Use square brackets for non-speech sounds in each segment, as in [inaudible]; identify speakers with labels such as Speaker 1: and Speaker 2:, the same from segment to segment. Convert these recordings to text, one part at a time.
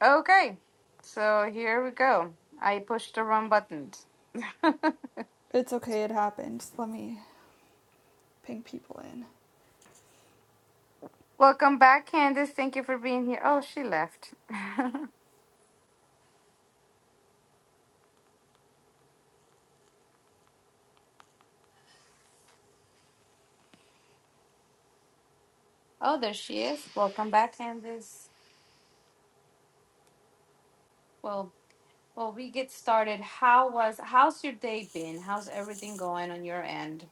Speaker 1: Okay, so here we go. I pushed the wrong buttons.
Speaker 2: It's okay, it happened. Let me ping people in.
Speaker 1: Welcome back, Candace. Thank you for being here. Oh, she left. [laughs] oh, there she is. Welcome back, Candace. Well, well, we get started. How was how's your day been? How's everything going on your end?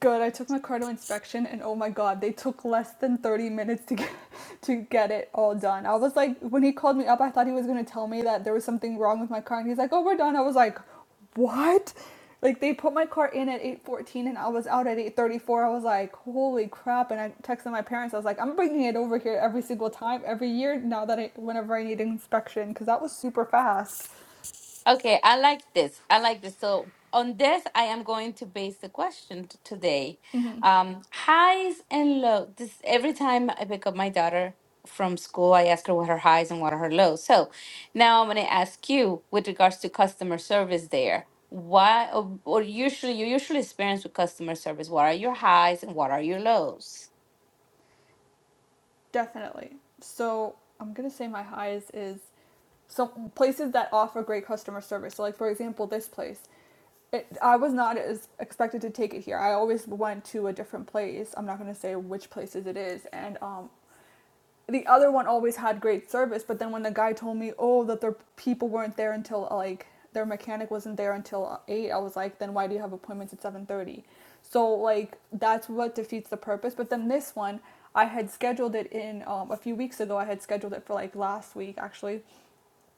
Speaker 2: Good, I took my car to inspection and oh my god, they took less than 30 minutes to get to get it all done. I was like when he called me up, I thought he was going to tell me that there was something wrong with my car and he's like, "Oh, we're done." I was like, "What?" Like they put my car in at 8:14 and I was out at 8:34. I was like, "Holy crap." And I texted my parents. I was like, "I'm bringing it over here every single time every year now that I whenever I need an inspection cuz that was super fast."
Speaker 1: Okay, I like this. I like this. So on this, I am going to base the question t- today. Um, highs and lows. This every time I pick up my daughter from school, I ask her what her highs and what are her lows. So now I'm going to ask you with regards to customer service there. Why or, or usually you usually experience with customer service, what are your highs and what are your lows?
Speaker 2: Definitely. So I'm gonna say my highs is some places that offer great customer service. So like for example, this place. It, I was not as expected to take it here. I always went to a different place. I'm not gonna say which places it is, and um, the other one always had great service, but then when the guy told me, oh, that their people weren't there until like their mechanic wasn't there until eight, I was like, then why do you have appointments at seven thirty? So like that's what defeats the purpose. But then this one, I had scheduled it in um, a few weeks ago. I had scheduled it for like last week actually,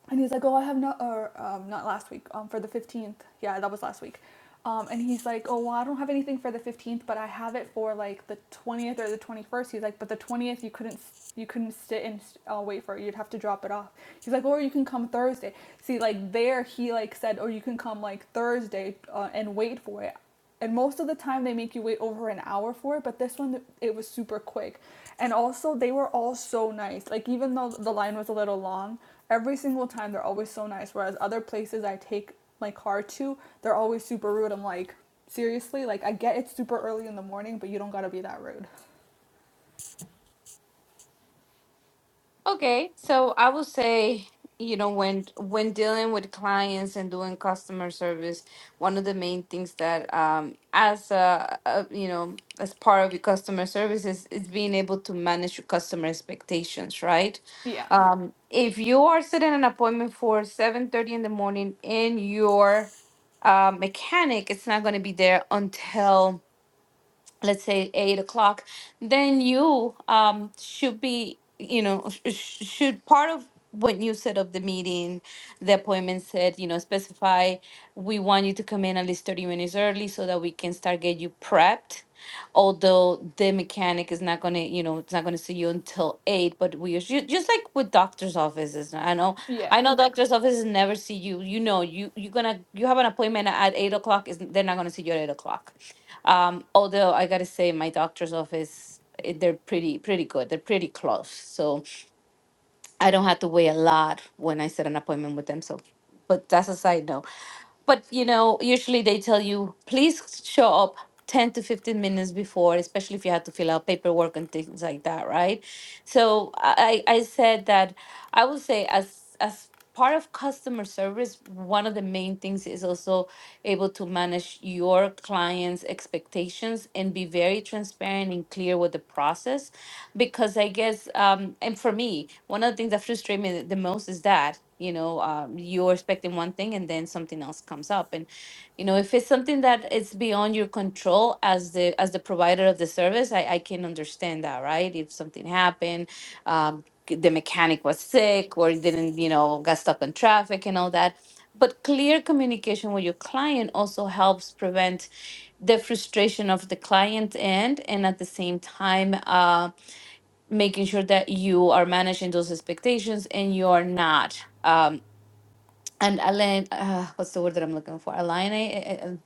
Speaker 2: and he's like, "Oh, I have not, or um, not last week, um, for the fifteenth. Yeah, that was last week." Um, and he's like, "Oh, well, I don't have anything for the fifteenth, but I have it for like the twentieth or the twenty-first. He's like, "But the twentieth, you couldn't, you couldn't sit and uh, wait for it. You'd have to drop it off." He's like, "Or you can come Thursday." See, like there, he like said, "Or you can come like Thursday uh, and wait for it." And most of the time, they make you wait over an hour for it, but this one, it was super quick. And also, they were all so nice. Like, even though the line was a little long, every single time they're always so nice. Whereas other places I take my car to, they're always super rude. I'm like, seriously? Like, I get it's super early in the morning, but you don't gotta be that rude.
Speaker 1: Okay, so I would say, you know, when when dealing with clients and doing customer service, one of the main things that um as a, a you know, as part of your customer service is, is being able to manage your customer expectations, right?
Speaker 2: Yeah.
Speaker 1: Um, if you are setting an appointment for 7:30 in the morning and your uh, mechanic is not going to be there until let's say eight o'clock, then you um should be, you know, sh- sh- should part of when you set up the meeting, the appointment said, you know, specify we want you to come in at least 30 minutes early so that we can start get you prepped. Although the mechanic is not gonna, you know, it's not gonna see you until eight, but we us- just like with doctor's offices. I know,
Speaker 2: Yeah.
Speaker 1: I know, Right. doctor's offices never see you. You know, you you're gonna you have an appointment at eight o'clock. Is they're not gonna see you at eight o'clock um, although I gotta say, my doctor's office, eh, they're pretty pretty good. They're pretty close. So I don't have to wait a lot when I set an appointment with them. So, but that's a side note. But you know, usually they tell you please show up 10 to 15 minutes before, especially if you have to fill out paperwork and things like that, right? So I I I said that I would say as as part of customer service, one of the main things is also able to manage your clients' expectations and be very transparent and clear with the process because I guess, um, and for me, one of the things that frustrates me the most is that, you know, um, you're expecting one thing and then something else comes up. And, you know, if it's something that it's beyond your control as the as the provider of the service, I, I can understand that, right? If something happened, um, c- the mechanic was sick or didn't, you know, got stuck in traffic and all that. But clear communication with your client also helps prevent the frustration of the client end and at the same time um, making sure that you are managing those expectations and you are not um and align uh, what's the word that i'm looking for align eh, eh, eh,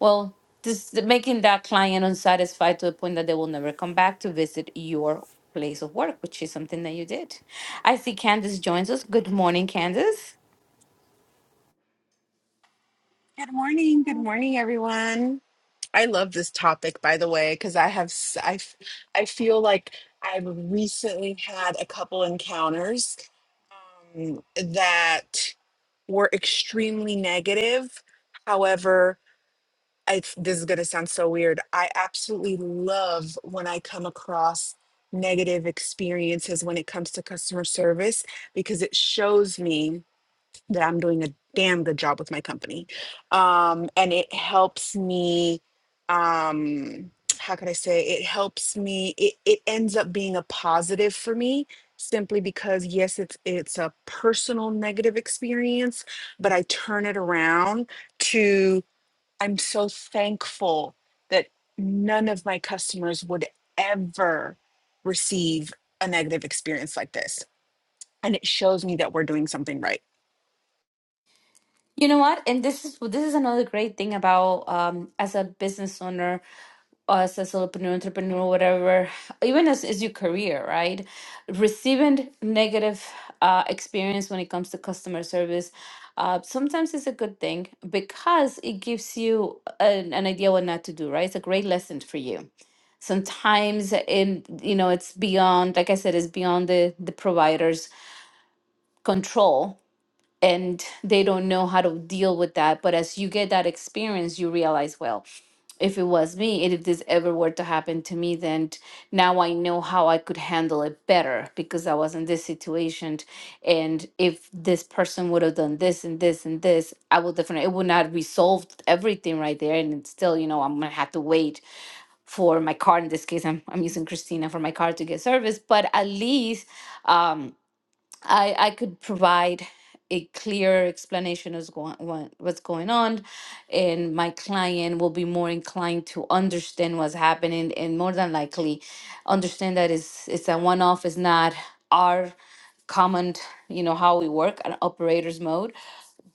Speaker 1: well this making that client unsatisfied to the point that they will never come back to visit your place of work which is something that you did i see candace joins us good morning candace
Speaker 3: Good morning. Good morning, everyone. I love this topic, by the way, because I have, s- I, f- I feel like I've recently had a couple encounters um, that were extremely negative. However, I, this is going to sound so weird. I absolutely love when I come across negative experiences when it comes to customer service because it shows me that I'm doing a damn good job with my company. Um, and it helps me, um, how could I say, it helps me, it, it ends up being a positive for me simply because yes it's it's a personal negative experience but i turn it around to i'm so thankful that none of my customers would ever receive a negative experience like this and it shows me that we're doing something right
Speaker 1: you know what and this is this is another great thing about um as a business owner us as solopreneur, entrepreneur, whatever, even as, as your career, right? Receiving negative uh, experience when it comes to customer service uh, sometimes is a good thing because it gives you an, an idea what not to do, right? It's a great lesson for you. Sometimes in you know it's beyond, like I said, it's beyond the the provider's control, and they don't know how to deal with that. But as you get that experience, you realize, well if it was me and if this ever were to happen to me then t- now i know how i could handle it better because i was in this situation and if this person would have done this and this and this i would definitely it would not resolve everything right there and it's still you know i'm gonna have to wait for my car in this case i'm, I'm using christina for my car to get service but at least um, I I could provide a clear explanation as going what, what's going on, and my client will be more inclined to understand what's happening, and more than likely, understand that it's it's a one off. It's not our common, you know, how we work an operator's mode.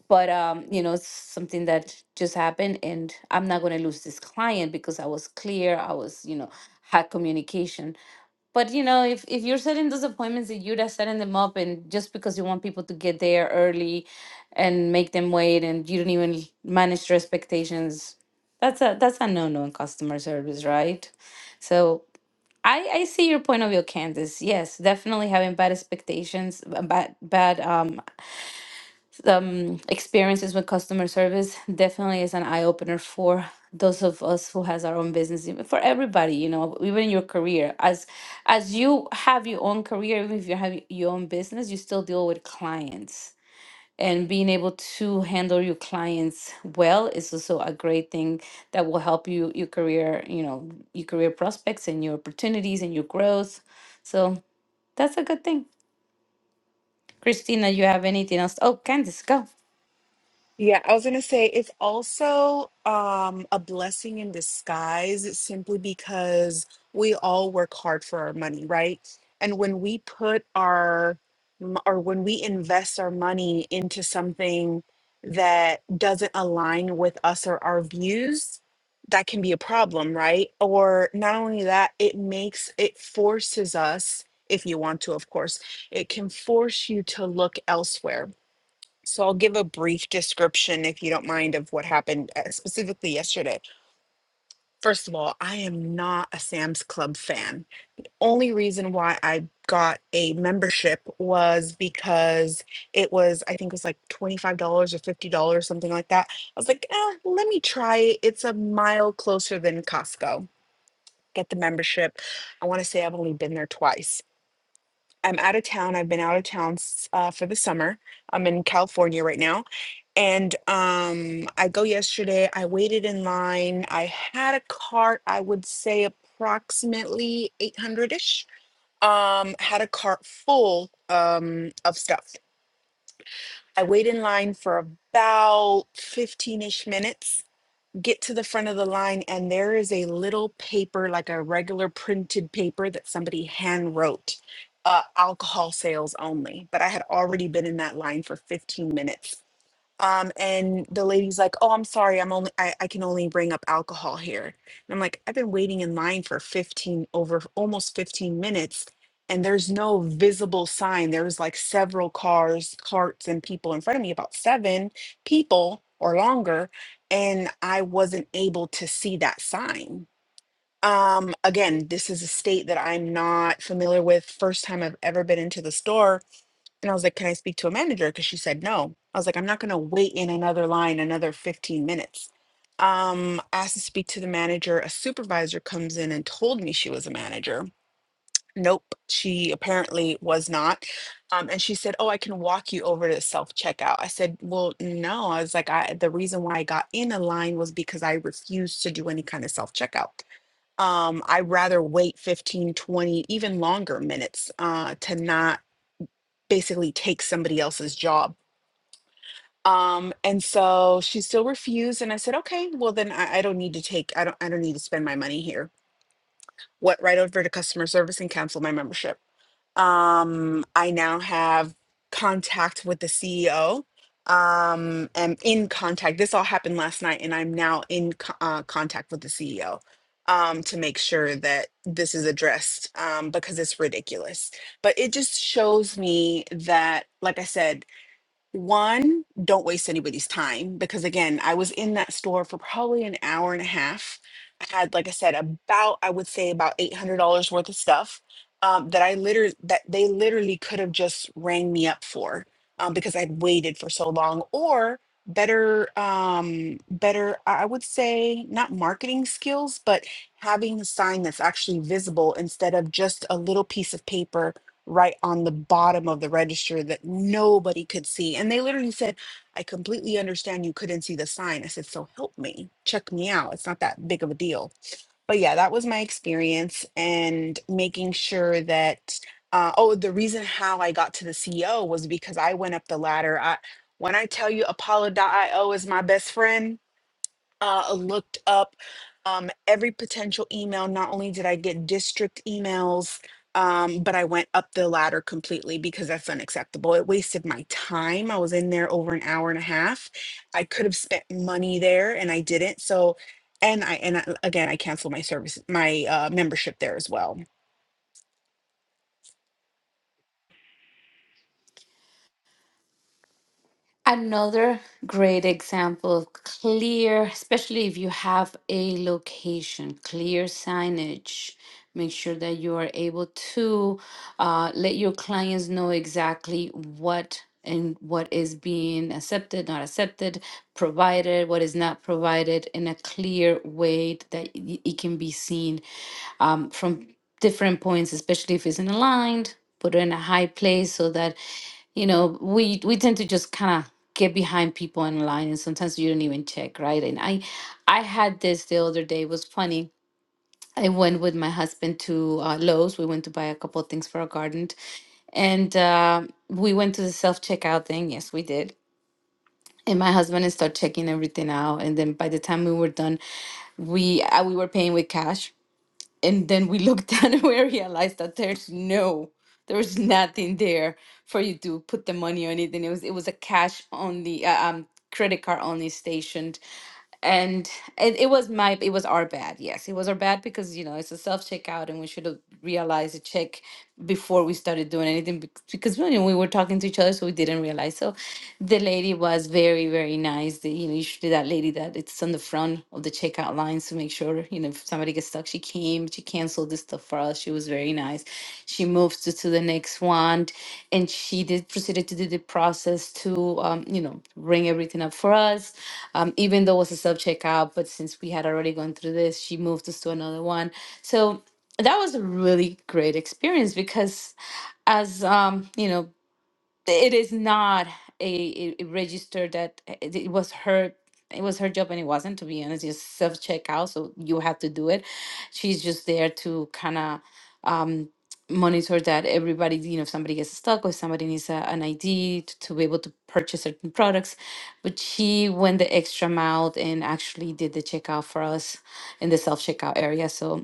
Speaker 1: But um, you know, it's something that just happened, and I'm not going to lose this client because I was clear. I was, you know, had communication but you know, if if you're setting those appointments that you're just setting them up and just because you want people to get there early and make them wait and you don't even manage their expectations, that's a that's a no no in customer service, right? So I, I see your point of view, Candace. Yes, definitely having bad expectations, b- bad bad um um, experiences with customer service definitely is an eye opener for those of us who has our own business, even for everybody, you know, even in your career. As as you have your own career, even if you have your own business, you still deal with clients. And being able to handle your clients well is also a great thing that will help you your career, you know, your career prospects and your opportunities and your growth. So that's a good thing. Christina, you have anything else? Oh, Candice, go.
Speaker 3: Yeah, I was gonna say it's also um, a blessing in disguise simply because we all work hard for our money, right? And when we put our m- or when we invest our money into something that doesn't align with us or our views, that can be a problem, right? Or not only that, it makes it forces us, if you want to, of course, it can force you to look elsewhere so I'll give a brief description, if you don't mind, of what happened uh, specifically yesterday. First of all, I am not a Sam's Club fan. Only reason why I got a membership was because it was, I think it was like $25 or $50, something like that. I was like, eh, let me try it. It's a mile closer than Costco. Get the membership. I want to say I've only been there twice. I'm out of town. I've been out of town s- uh, for the summer. I'm in California right now. And um, I go yesterday. I waited in line. I had a cart, I would say approximately 800 ish. Um, had a cart full um, of stuff. I wait in line for about 15 ish minutes get to the front of the line and there is a little paper like a regular printed paper that somebody hand wrote uh, alcohol sales only but i had already been in that line for 15 minutes um, and the lady's like, "Oh, I'm sorry, I'm only I, I can only bring up alcohol here." And I'm like, "I've been waiting in line for 15 over almost 15 minutes, and there's no visible sign. There was like several cars, carts, and people in front of me, about seven people or longer, and I wasn't able to see that sign." Um, again, this is a state that I'm not familiar with. First time I've ever been into the store and I was like, Can I speak to a manager? Because she said no. I was like, I'm not going to wait in another line another 15 minutes. Um, asked to speak to the manager. A supervisor comes in and told me she was a manager. Nope, she apparently was not. Um, and she said, Oh, I can walk you over to self checkout. I said, Well, no. I was like, I, The reason why I got in a line was because I refused to do any kind of self checkout um i rather wait 15, 20, even longer minutes uh to not basically take somebody else's job. Um, and so she still refused. And I said, okay, well then I, I don't need to take, I don't, I don't need to spend my money here. Went right over to customer service and cancel my membership. Um, I now have contact with the CEO. Um, am in contact. This all happened last night, and I'm now in co- uh, contact with the CEO um, to make sure that this is addressed um, because it's ridiculous. But it just shows me that, like I said, one, don't waste anybody's time because again, I was in that store for probably an hour and a half. I had, like I said, about I would say about eight hundred dollars worth of stuff um, that I literally that they literally could have just rang me up for um, because I'd waited for so long. Or better, um, better I I would say not marketing skills, but having a sign that's actually visible instead of just a little piece of paper right on the bottom of the register that nobody could see. And they literally said, I completely understand you couldn't see the sign. I said, So help me, check me out. It's not that big of a deal. But yeah, that was my experience and making sure that. Uh, oh, the reason how I got to the CEO was because I went up the ladder. I, when I tell you Apollo.io is my best friend, uh, looked up um, every potential email. Not only did I get district emails, um, but I went up the ladder completely because that's unacceptable. It wasted my time. I was in there over an hour and a half. I could have spent money there and I didn't. So, and I, and I, again, I canceled my service, my uh, membership there as well.
Speaker 1: Another great example, of clear, especially if you have a location, clear signage. Make sure that you are able to uh, let your clients know exactly what and what is being accepted, not accepted, provided, what is not provided in a clear way that it it can be seen um, from different points, especially if it's in aligned, put it in a high place so that you know we we tend to just kind of get behind people in line and sometimes you don't even check right and i i had this the other day it was funny i went with my husband to uh, lowes we went to buy a couple of things for our garden and uh, we went to the self checkout thing yes we did and my husband started checking everything out and then by the time we were done we uh, we were paying with cash and then we looked [laughs] down and we realized that there's no there was nothing there for you to put the money or anything. it was it was a cash only uh, um credit card only stationed and it, it was my it was our bad yes it was our bad because you know it's a self checkout and we should have realized the check before we started doing anything bec- because you know, we were talking to each other so we didn't realize so the lady was very very nice the, you know usually that lady that it's on the front of the checkout lines to make sure you know if somebody gets stuck she came she canceled this stuff for us she was very nice she moved to, to the next one, and she did proceeded to do the process to, um, you know, bring everything up for us. Um, even though it was a self checkout, but since we had already gone through this, she moved us to another one. So that was a really great experience because as um, you know it is not a, a register that uh, it it was her it was her job and it wasn't to be honest it's self checkout so you have to do it she's just there to kind of um monitor that everybody you know if somebody gets stuck or somebody needs a, an id to, to be able to purchase certain products but she went the extra mile and actually did the checkout for us in the self checkout area so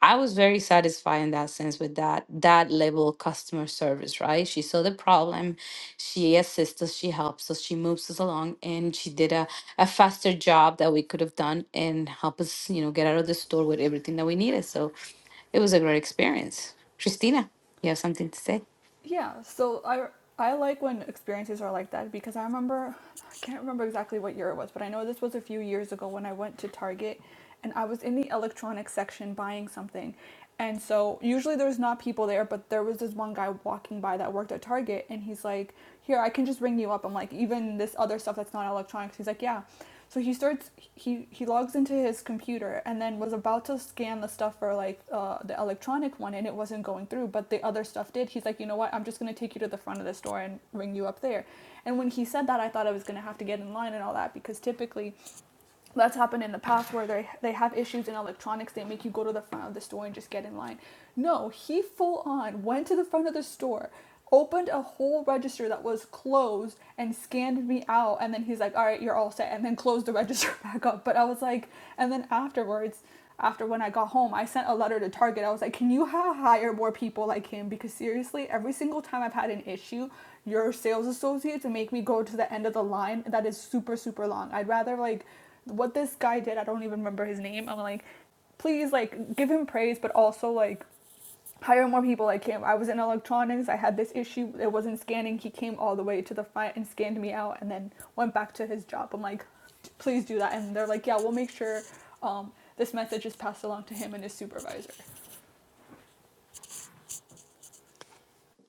Speaker 1: I was very satisfied in that sense with that that level of customer service, right? She saw the problem, she assists us, she helps us, she moves us along, and she did a, a faster job that we could have done and help us, you know, get out of the store with everything that we needed. So it was a great experience. Christina, you have something to say?
Speaker 2: yeah so i i like when experiences are like that because i remember i can't remember exactly what year it was but i know this was a few years ago when i went to target and i was in the electronics section buying something and so usually there's not people there but there was this one guy walking by that worked at target and he's like here i can just ring you up i'm like even this other stuff that's not electronics he's like yeah so he starts he he logs into his computer and then was about to scan the stuff for like uh, the electronic one and it wasn't going through, but the other stuff did. He's like, you know what? I'm just gonna take you to the front of the store and ring you up there. And when he said that, I thought I was gonna have to get in line and all that because typically that's happened in the past where they they have issues in electronics they make you go to the front of the store and just get in line no he full on went to the front of the store opened a whole register that was closed and scanned me out and then he's like all right you're all set and then closed the [laughs] register back up but i was like and then afterwards after when i got home i sent a letter to target i was like can you ha- hire more people like him because seriously every single time i've had an issue your sales associates make me go to the end of the line that is super super long i'd rather like what this guy did, I don't even remember his name. I'm like, please, like, give him praise, but also, like, hire more people like him. I was in electronics. I had this issue. It wasn't scanning. He came all the way to the front and scanned me out and then went back to his job. I'm like, please do that. And they're like, yeah, we'll make sure um, this message is passed along to him and his supervisor.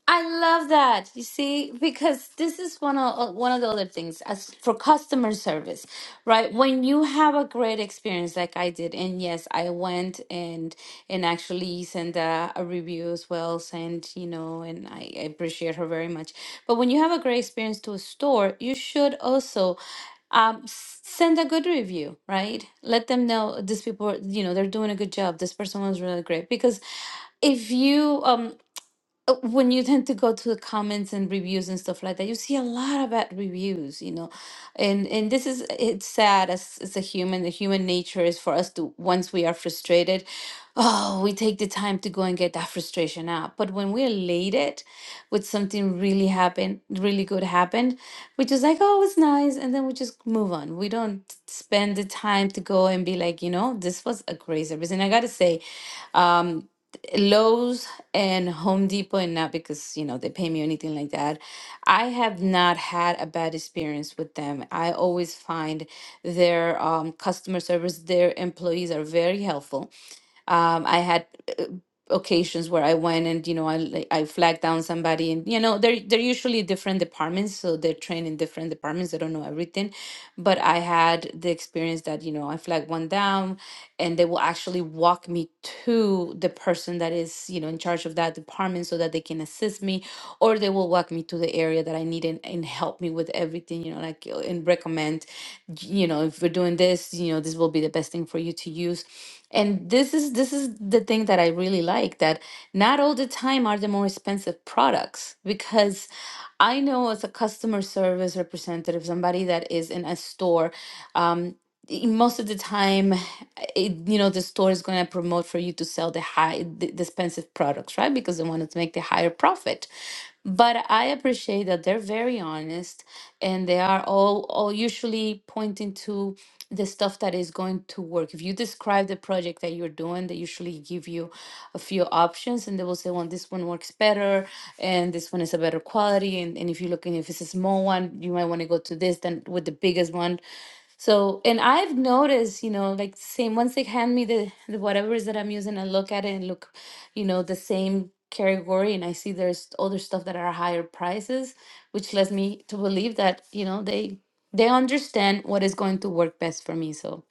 Speaker 1: I love that. You see, because this is one of uh, one of the other things as for customer service, right? When you have a great experience like I did, and yes, I went and and actually sent a, a review as well, sent you know, and I, I appreciate her very much. But when you have a great experience to a store, you should also um, s- send a good review, right? Let them know these people, you know, they're doing a good job. This person was really great because if you um uh, when you tend to go to the comments and reviews and stuff like that, you see a lot of bad reviews, you know, and and this is it's sad as as a human. The human nature is for us to once we are frustrated, oh, we take the time to go and get that frustration out. But when we're elated with something really happened, really good happened, we just like oh, it's nice, and then we just move on. We don't spend the time to go and be like, you know, this was a great service. And I gotta say, um, Lowe's and Home Depot, and not because, you know, they pay me or anything like that. I have not had a bad experience with them. I always find their um, customer service, their employees are very helpful. Um, I had uh, occasions where I went and you know I like, I flagged down somebody, and you know they're they're usually different departments, so they're trained in different departments. They don't know everything, but I had the experience that you know I flagged one down, and they will actually walk me to the person that is you know in charge of that department so that they can assist me or they will walk me to the area that I need and, and help me with everything, you know, like uh, and recommend, you know, if we're doing this, you know, this will be the best thing for you to use. And this is this is the thing that I really like that not all the time are the more expensive products because I know as a customer service representative, somebody that is in a store, um, i- most of the time it, you know the store is going to promote for you to sell the high the the expensive products right because they wanted to make the higher profit but i appreciate that they're very honest and they are all all usually pointing to the stuff that is going to work if you describe the project that you're doing they usually give you a few options and they will say well this one works better and this one is a better quality and, and if you're looking if it's a small one you might want to go to this than with the biggest one so, and I've noticed, you know, like same once they hand me the, the whatever is that I'm using, I look at it and look, you know, the same category, and I see there's other stuff that are higher prices, which lets me to believe that, you know, they they understand what is going to work best for me. So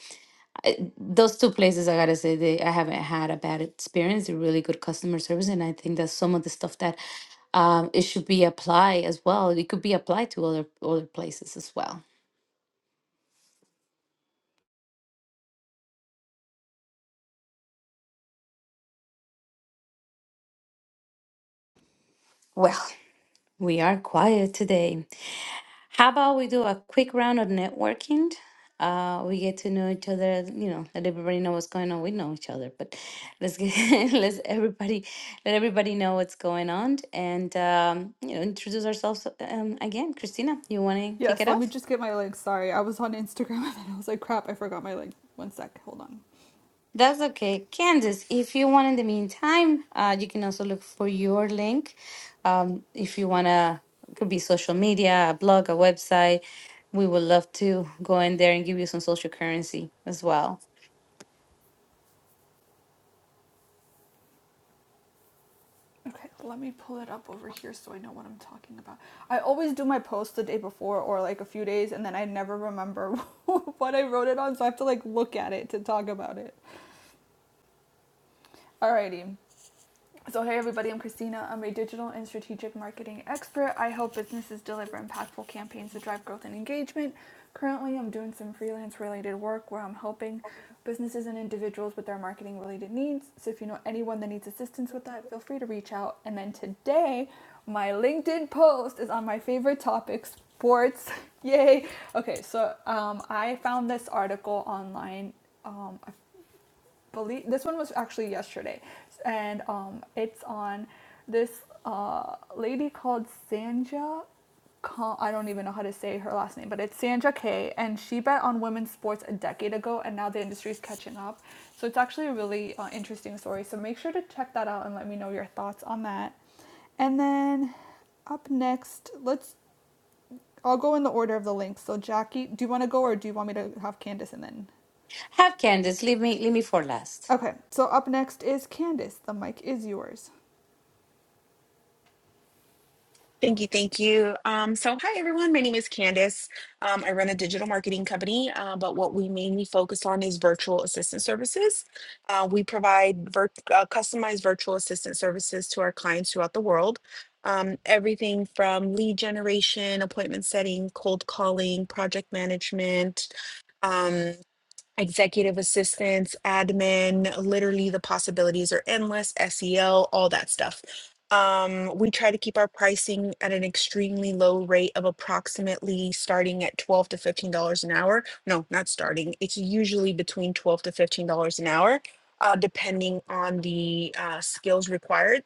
Speaker 1: those two places, I gotta say, they I haven't had a bad experience. They're Really good customer service, and I think that's some of the stuff that um, it should be applied as well. It could be applied to other other places as well. Well. We are quiet today. How about we do a quick round of networking? Uh, we get to know each other, you know, let everybody know what's going on. We know each other, but let's get [laughs] let's everybody let everybody know what's going on and um, you know, introduce ourselves um, again. Christina, you want to kick
Speaker 2: Yes,
Speaker 1: it
Speaker 2: let
Speaker 1: off?
Speaker 2: me just get my link. Sorry, I was on Instagram [laughs] and then I was like, crap, I forgot my link. One sec, hold on.
Speaker 1: That's okay. Candice, if you want in the meantime, uh, you can also look for your link. Um, if you want to, could be social media, a blog, a website. We would love to go in there and give you some social currency as well.
Speaker 2: Okay, let me pull it up over here so I know what I'm talking about. I always do my post the day before or like a few days and then I never remember [laughs] what I wrote it on, so I have to like look at it to talk about it. Alrighty. So, hey everybody, I'm Christina. I'm a digital and strategic marketing expert. I help businesses deliver impactful campaigns to drive growth and engagement. Currently, I'm doing some freelance related work where I'm helping businesses and individuals with their marketing related needs. So, if you know anyone that needs assistance with that, feel free to reach out. And then today, my LinkedIn post is on my favorite topic sports. [laughs] Yay! Okay, so um, I found this article online. Um, I believe this one was actually yesterday, and um, it's on this uh, lady called Sanja. I don't even know how to say her last name, but it's Sanja K. And she bet on women's sports a decade ago, and now the industry is catching up. So it's actually a really uh, interesting story. So make sure to check that out and let me know your thoughts on that. And then up next, let's. I'll go in the order of the links. So Jackie, do you want to go, or do you want me to have Candace and then
Speaker 1: Have Candice, leave me, leave me for last.
Speaker 2: Okay, so up next is Candace. The mic is yours.
Speaker 3: Thank you, thank you. Um, so, hi everyone. My name is Candice. Um, I run a digital marketing company, uh, but what we mainly focus on is virtual assistant services. Uh, we provide vir- uh, customized virtual assistant services to our clients throughout the world. Um, everything from lead generation, appointment setting, cold calling, project management. um, executive assistants, admin, literally the possibilities are endless, SEL, all that stuff. Um, we try to keep our pricing at an extremely low rate of approximately starting at twelve to fifteen dollars an hour. No, not starting. It's usually between twelve to fifteen dollars an hour, uh, depending on the uh, skills required.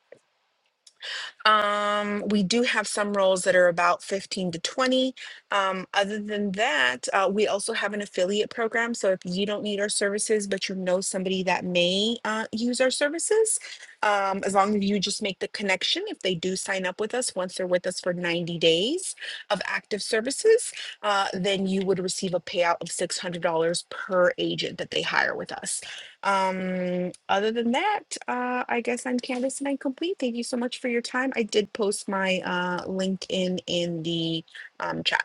Speaker 3: Um, we do have some roles that are about 15 to 20. Um, other than that, uh, we also have an affiliate program. So if you don't need our services, but you know somebody that may uh, use our services, um, as long as you just make the connection, if they do sign up with us, once they're with us for 90 days of active services, uh, then you would receive a payout of $600 per agent that they hire with us. Um, other than that, uh, I guess I'm Candace and I'm complete. Thank you so much for your time. I did post my uh, LinkedIn in the um, chat.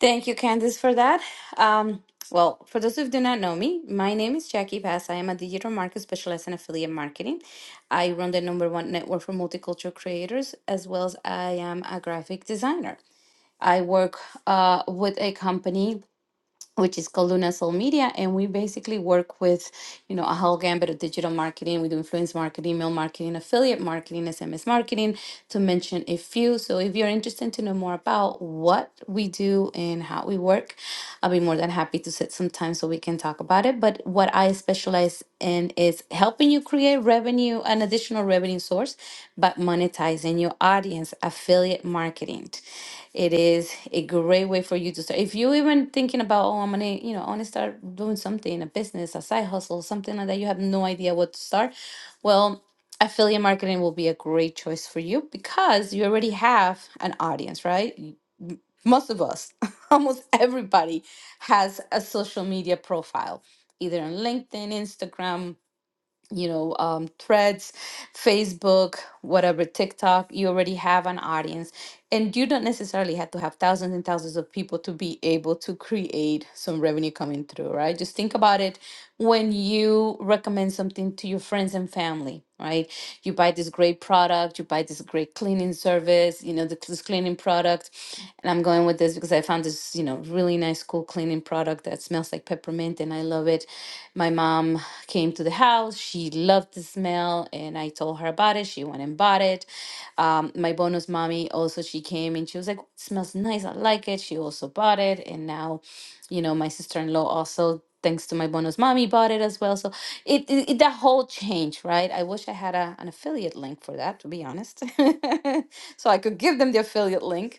Speaker 1: Thank you, Candice, for that. Um, well, for those who do not know me, my name is Jackie Bass. I am a digital marketer specialized in affiliate marketing. I run the number one network for multicultural creators, as well as I am a graphic designer. I work uh, with a company which is called Luna Soul Media, and we basically work with, you know, a whole gambit of digital marketing. We do influence marketing, email marketing, affiliate marketing, SMS marketing, to mention a few. So if you're interested to know more about what we do and how we work, I'll be more than happy to sit some time so we can talk about it. But what I specialize in is helping you create revenue revenue, an additional revenue source, but monetizing your audience, affiliate marketing. It is a great way for you to start. If you even thinking about, oh, I'm gonna, you know, I wanna start doing something, a business, a side hustle, something like that, you have no idea what to start. Well, affiliate marketing will be a great choice for you because you already have an audience, right? You- m- Most of us, [laughs] almost everybody has a social media profile, either on LinkedIn, Instagram, you know, um, threads, Facebook, whatever, TikTok, you already have an audience. And you don't necessarily have to have thousands and thousands of people to be able to create some revenue coming through, right? Just think about it when you recommend something to your friends and family, right? You buy this great product, you buy this great cleaning service, you know, the, this cleaning product. And I'm going with this because I found this, you know, really nice, cool cleaning product that smells like peppermint and I love it my mom came to the house. She loved the smell, and I told her about it. She went and bought it. Um, my bonus mommy also she came and she was like, "It smells nice. I like it." She also bought it, and now, you know, my sister in law also. Thanks to my bonus mommy, bought it as well. So it, it, it that whole change, right? I wish I had a, an affiliate link for that, to be honest, [laughs] so I could give them the affiliate link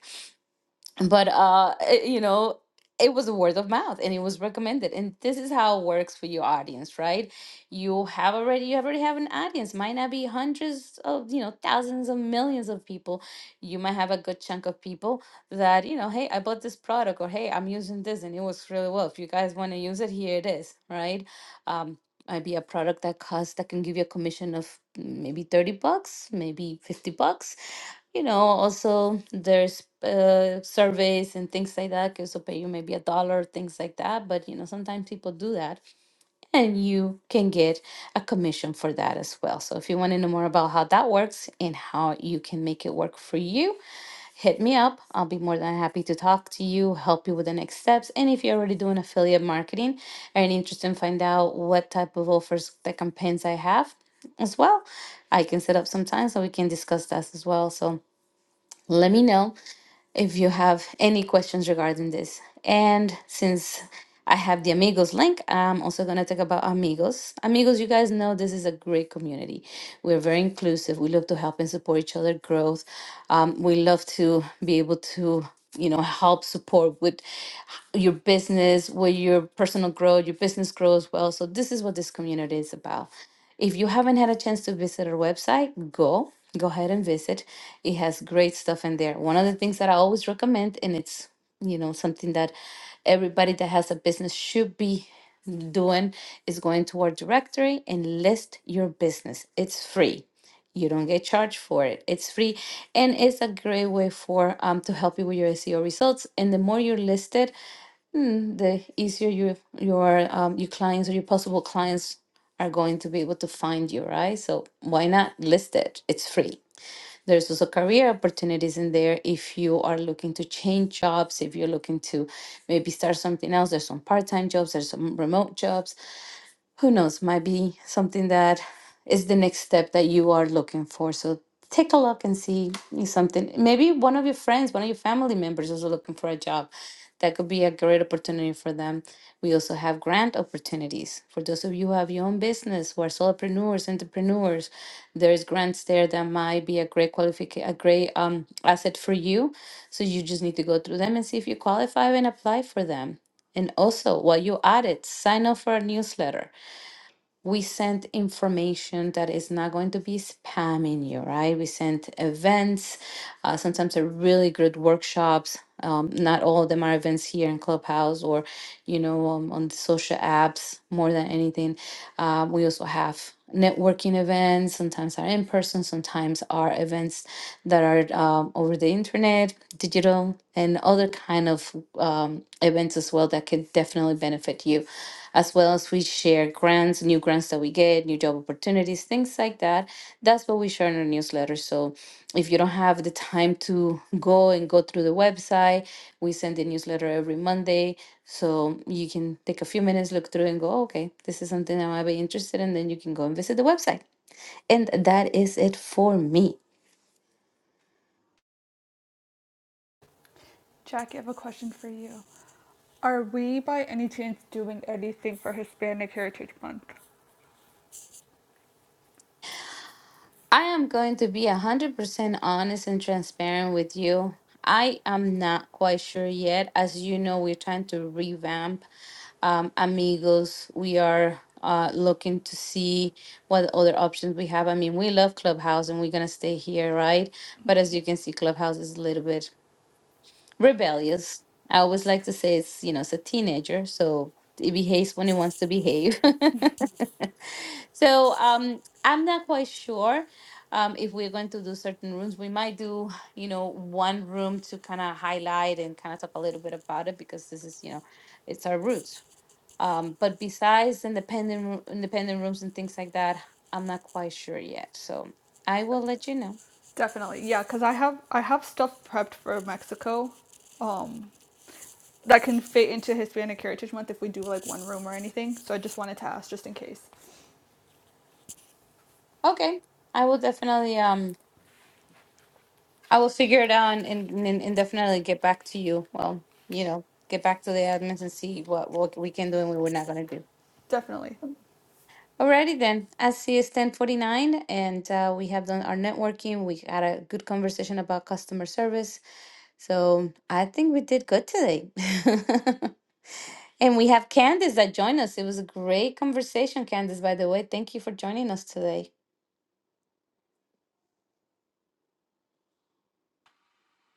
Speaker 1: but uh it- you know it was word of mouth and it was recommended and this is how it works for your audience right you have already you already have an audience might not be hundreds of you know thousands of millions of people you might have a good chunk of people that you know hey i bought this product or hey i'm using this and it works really well if you guys want to use it here it is right um might be a product that costs that can give you a commission of mm, maybe 30 bucks maybe 50 bucks you know, also there's uh, surveys and things like that can also pay you maybe a dollar, things like that. But you know, sometimes people do that, and you can get a commission for that as well. So if you want to know more about how that works and how you can make it work for you, hit me up. I'll be more than happy to talk to you, help you with the next steps. And if you're already doing affiliate marketing and interested in find out what type of offers the campaigns I have as well, I can set up some time so we can discuss that as well. So let me know if you have any questions regarding this. And since I have the Amigos link, I'm also going to talk about Amigos. Amigos, you guys know this is a great community. We're very inclusive. We love to help and support each other growth. Um, we love to be able to you know help support with your business, where your personal growth, your business grows well. So this is what this community is about. If you haven't had a chance to visit our website, go go ahead and visit. It has great stuff in there. One of the things that I always recommend, and it's you know something that everybody that has a business should be doing, is going to our directory and list your business. It's free. You don't get charged for it. It's free, and it's a great way for um, to help you with your SEO results. And the more you're listed, the easier your your um, your clients or your possible clients are going to be able to find you, right? So why not list it? It's free. There's also career opportunities in there if you are looking to change jobs, if you're looking to maybe start something else. There's some part-time jobs, there's some remote jobs, who knows, might be something that is the next step that you are looking for. So take a look and see if something. Maybe one of your friends, one of your family members is looking for a job. That could be a great opportunity for them. We also have grant opportunities. For those of you who have your own business, who are solopreneurs, entrepreneurs, there's grants there that might be a great qualification, a great um, asset for you. So you just need to go through them and see if you qualify and apply for them. And also, while you're at it, sign up for a newsletter we sent information that is not going to be spamming you, right? We sent events, uh, sometimes they're really good workshops. Um, not all of them are events here in Clubhouse or, you know, um, on the social apps more than anything. Um, we also have networking events, sometimes are in person, sometimes are events that are um, over the internet, digital, and other kind of um, events as well that could definitely benefit you as well as we share grants, new grants that we get, new job opportunities, things like that. That's what we share in our newsletter. So if you don't have the time to [laughs] go and go through the website, we send the newsletter every Monday. So you can take a few minutes, look through, and go, "Oh, okay, this is something I might be interested in. Then you can go and visit the website. And that is it for me.
Speaker 2: Jackie. I have a question for you. Are we by any chance doing anything for Hispanic Heritage Month?
Speaker 1: I am going to be 100% honest and transparent with you. I am not quite sure yet. As you know, we're trying to revamp um, Amigos. We are uh, looking to see what other options we have. I mean, we love Clubhouse and we're going to stay here, right? But as you can see, Clubhouse is a little bit rebellious. I always like to say it's, you know, it's a teenager, so it behaves when it wants to behave. [laughs] so um, I'm not quite sure um, if we're going to do certain rooms. We might do, you know, one room to kind of highlight and kind of talk a little bit about it because this is, you know, it's our roots. Um, but besides independent roo- independent rooms and things like that, I'm not quite sure yet. So I will let you know.
Speaker 2: Definitely, yeah. Cause I have I have stuff prepped for Mexico, um, that can fit into Hispanic Heritage Month if we do like one room or anything. So I just wanted to ask, just in case.
Speaker 1: Okay, I will definitely. um I will figure it out and, and, and and definitely get back to you. Well, you know, get back to the admins and see what, what we can do and what we're not going to do.
Speaker 2: Definitely.
Speaker 1: Alrighty then. I see it's 1049 and uh, we have done our networking. We had a good conversation about customer service. So I think we did good today. [laughs] and we have Candice that joined us. It was a great conversation, Candice, by the way. Thank you for joining us today.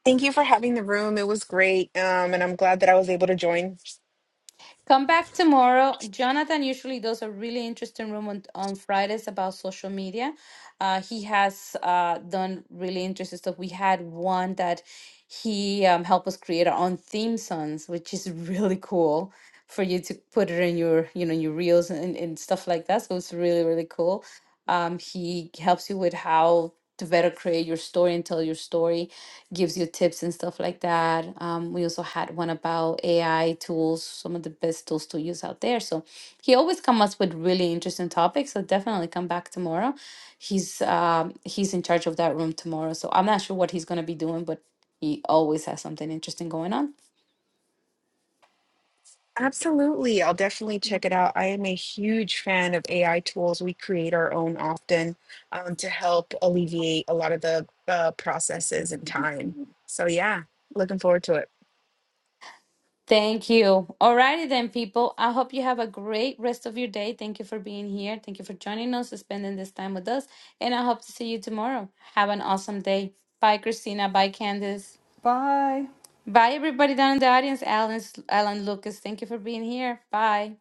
Speaker 3: Thank you for having the room. It was great. Um, and I'm glad that I was able to join.
Speaker 1: Come back tomorrow. Jonathan usually does a really interesting room on, on Fridays about social media. Uh, he has uh, done really interesting stuff. We had one that he um, helped us create our own theme songs, which is really cool for you to put it in your, you know, your reels and, and stuff like that. So it's really, really cool. Um, he helps you with how to better create your story and tell your story gives you tips and stuff like that. Um, we also had one about AI tools, some of the best tools to use out there. So he always comes up with really interesting topics. So definitely come back tomorrow. He's um, he's in charge of that room tomorrow. So I'm not sure what he's gonna be doing, but he always has something interesting going on.
Speaker 3: Absolutely. I'll definitely check it out. I am a huge fan of AI tools. We create our own often um, to help alleviate a lot of the uh, processes and time. So, yeah, looking forward to it.
Speaker 1: Thank you. Alrighty then, people. I hope you have a great rest of your day. Thank you for being here. Thank you for joining us, spending this time with us. And I hope to see you tomorrow. Have an awesome day. Bye, Christina. Bye, Candace.
Speaker 2: Bye.
Speaker 1: Bye, everybody down in the audience. Alan, Alan Lucas, thank you for being here. Bye.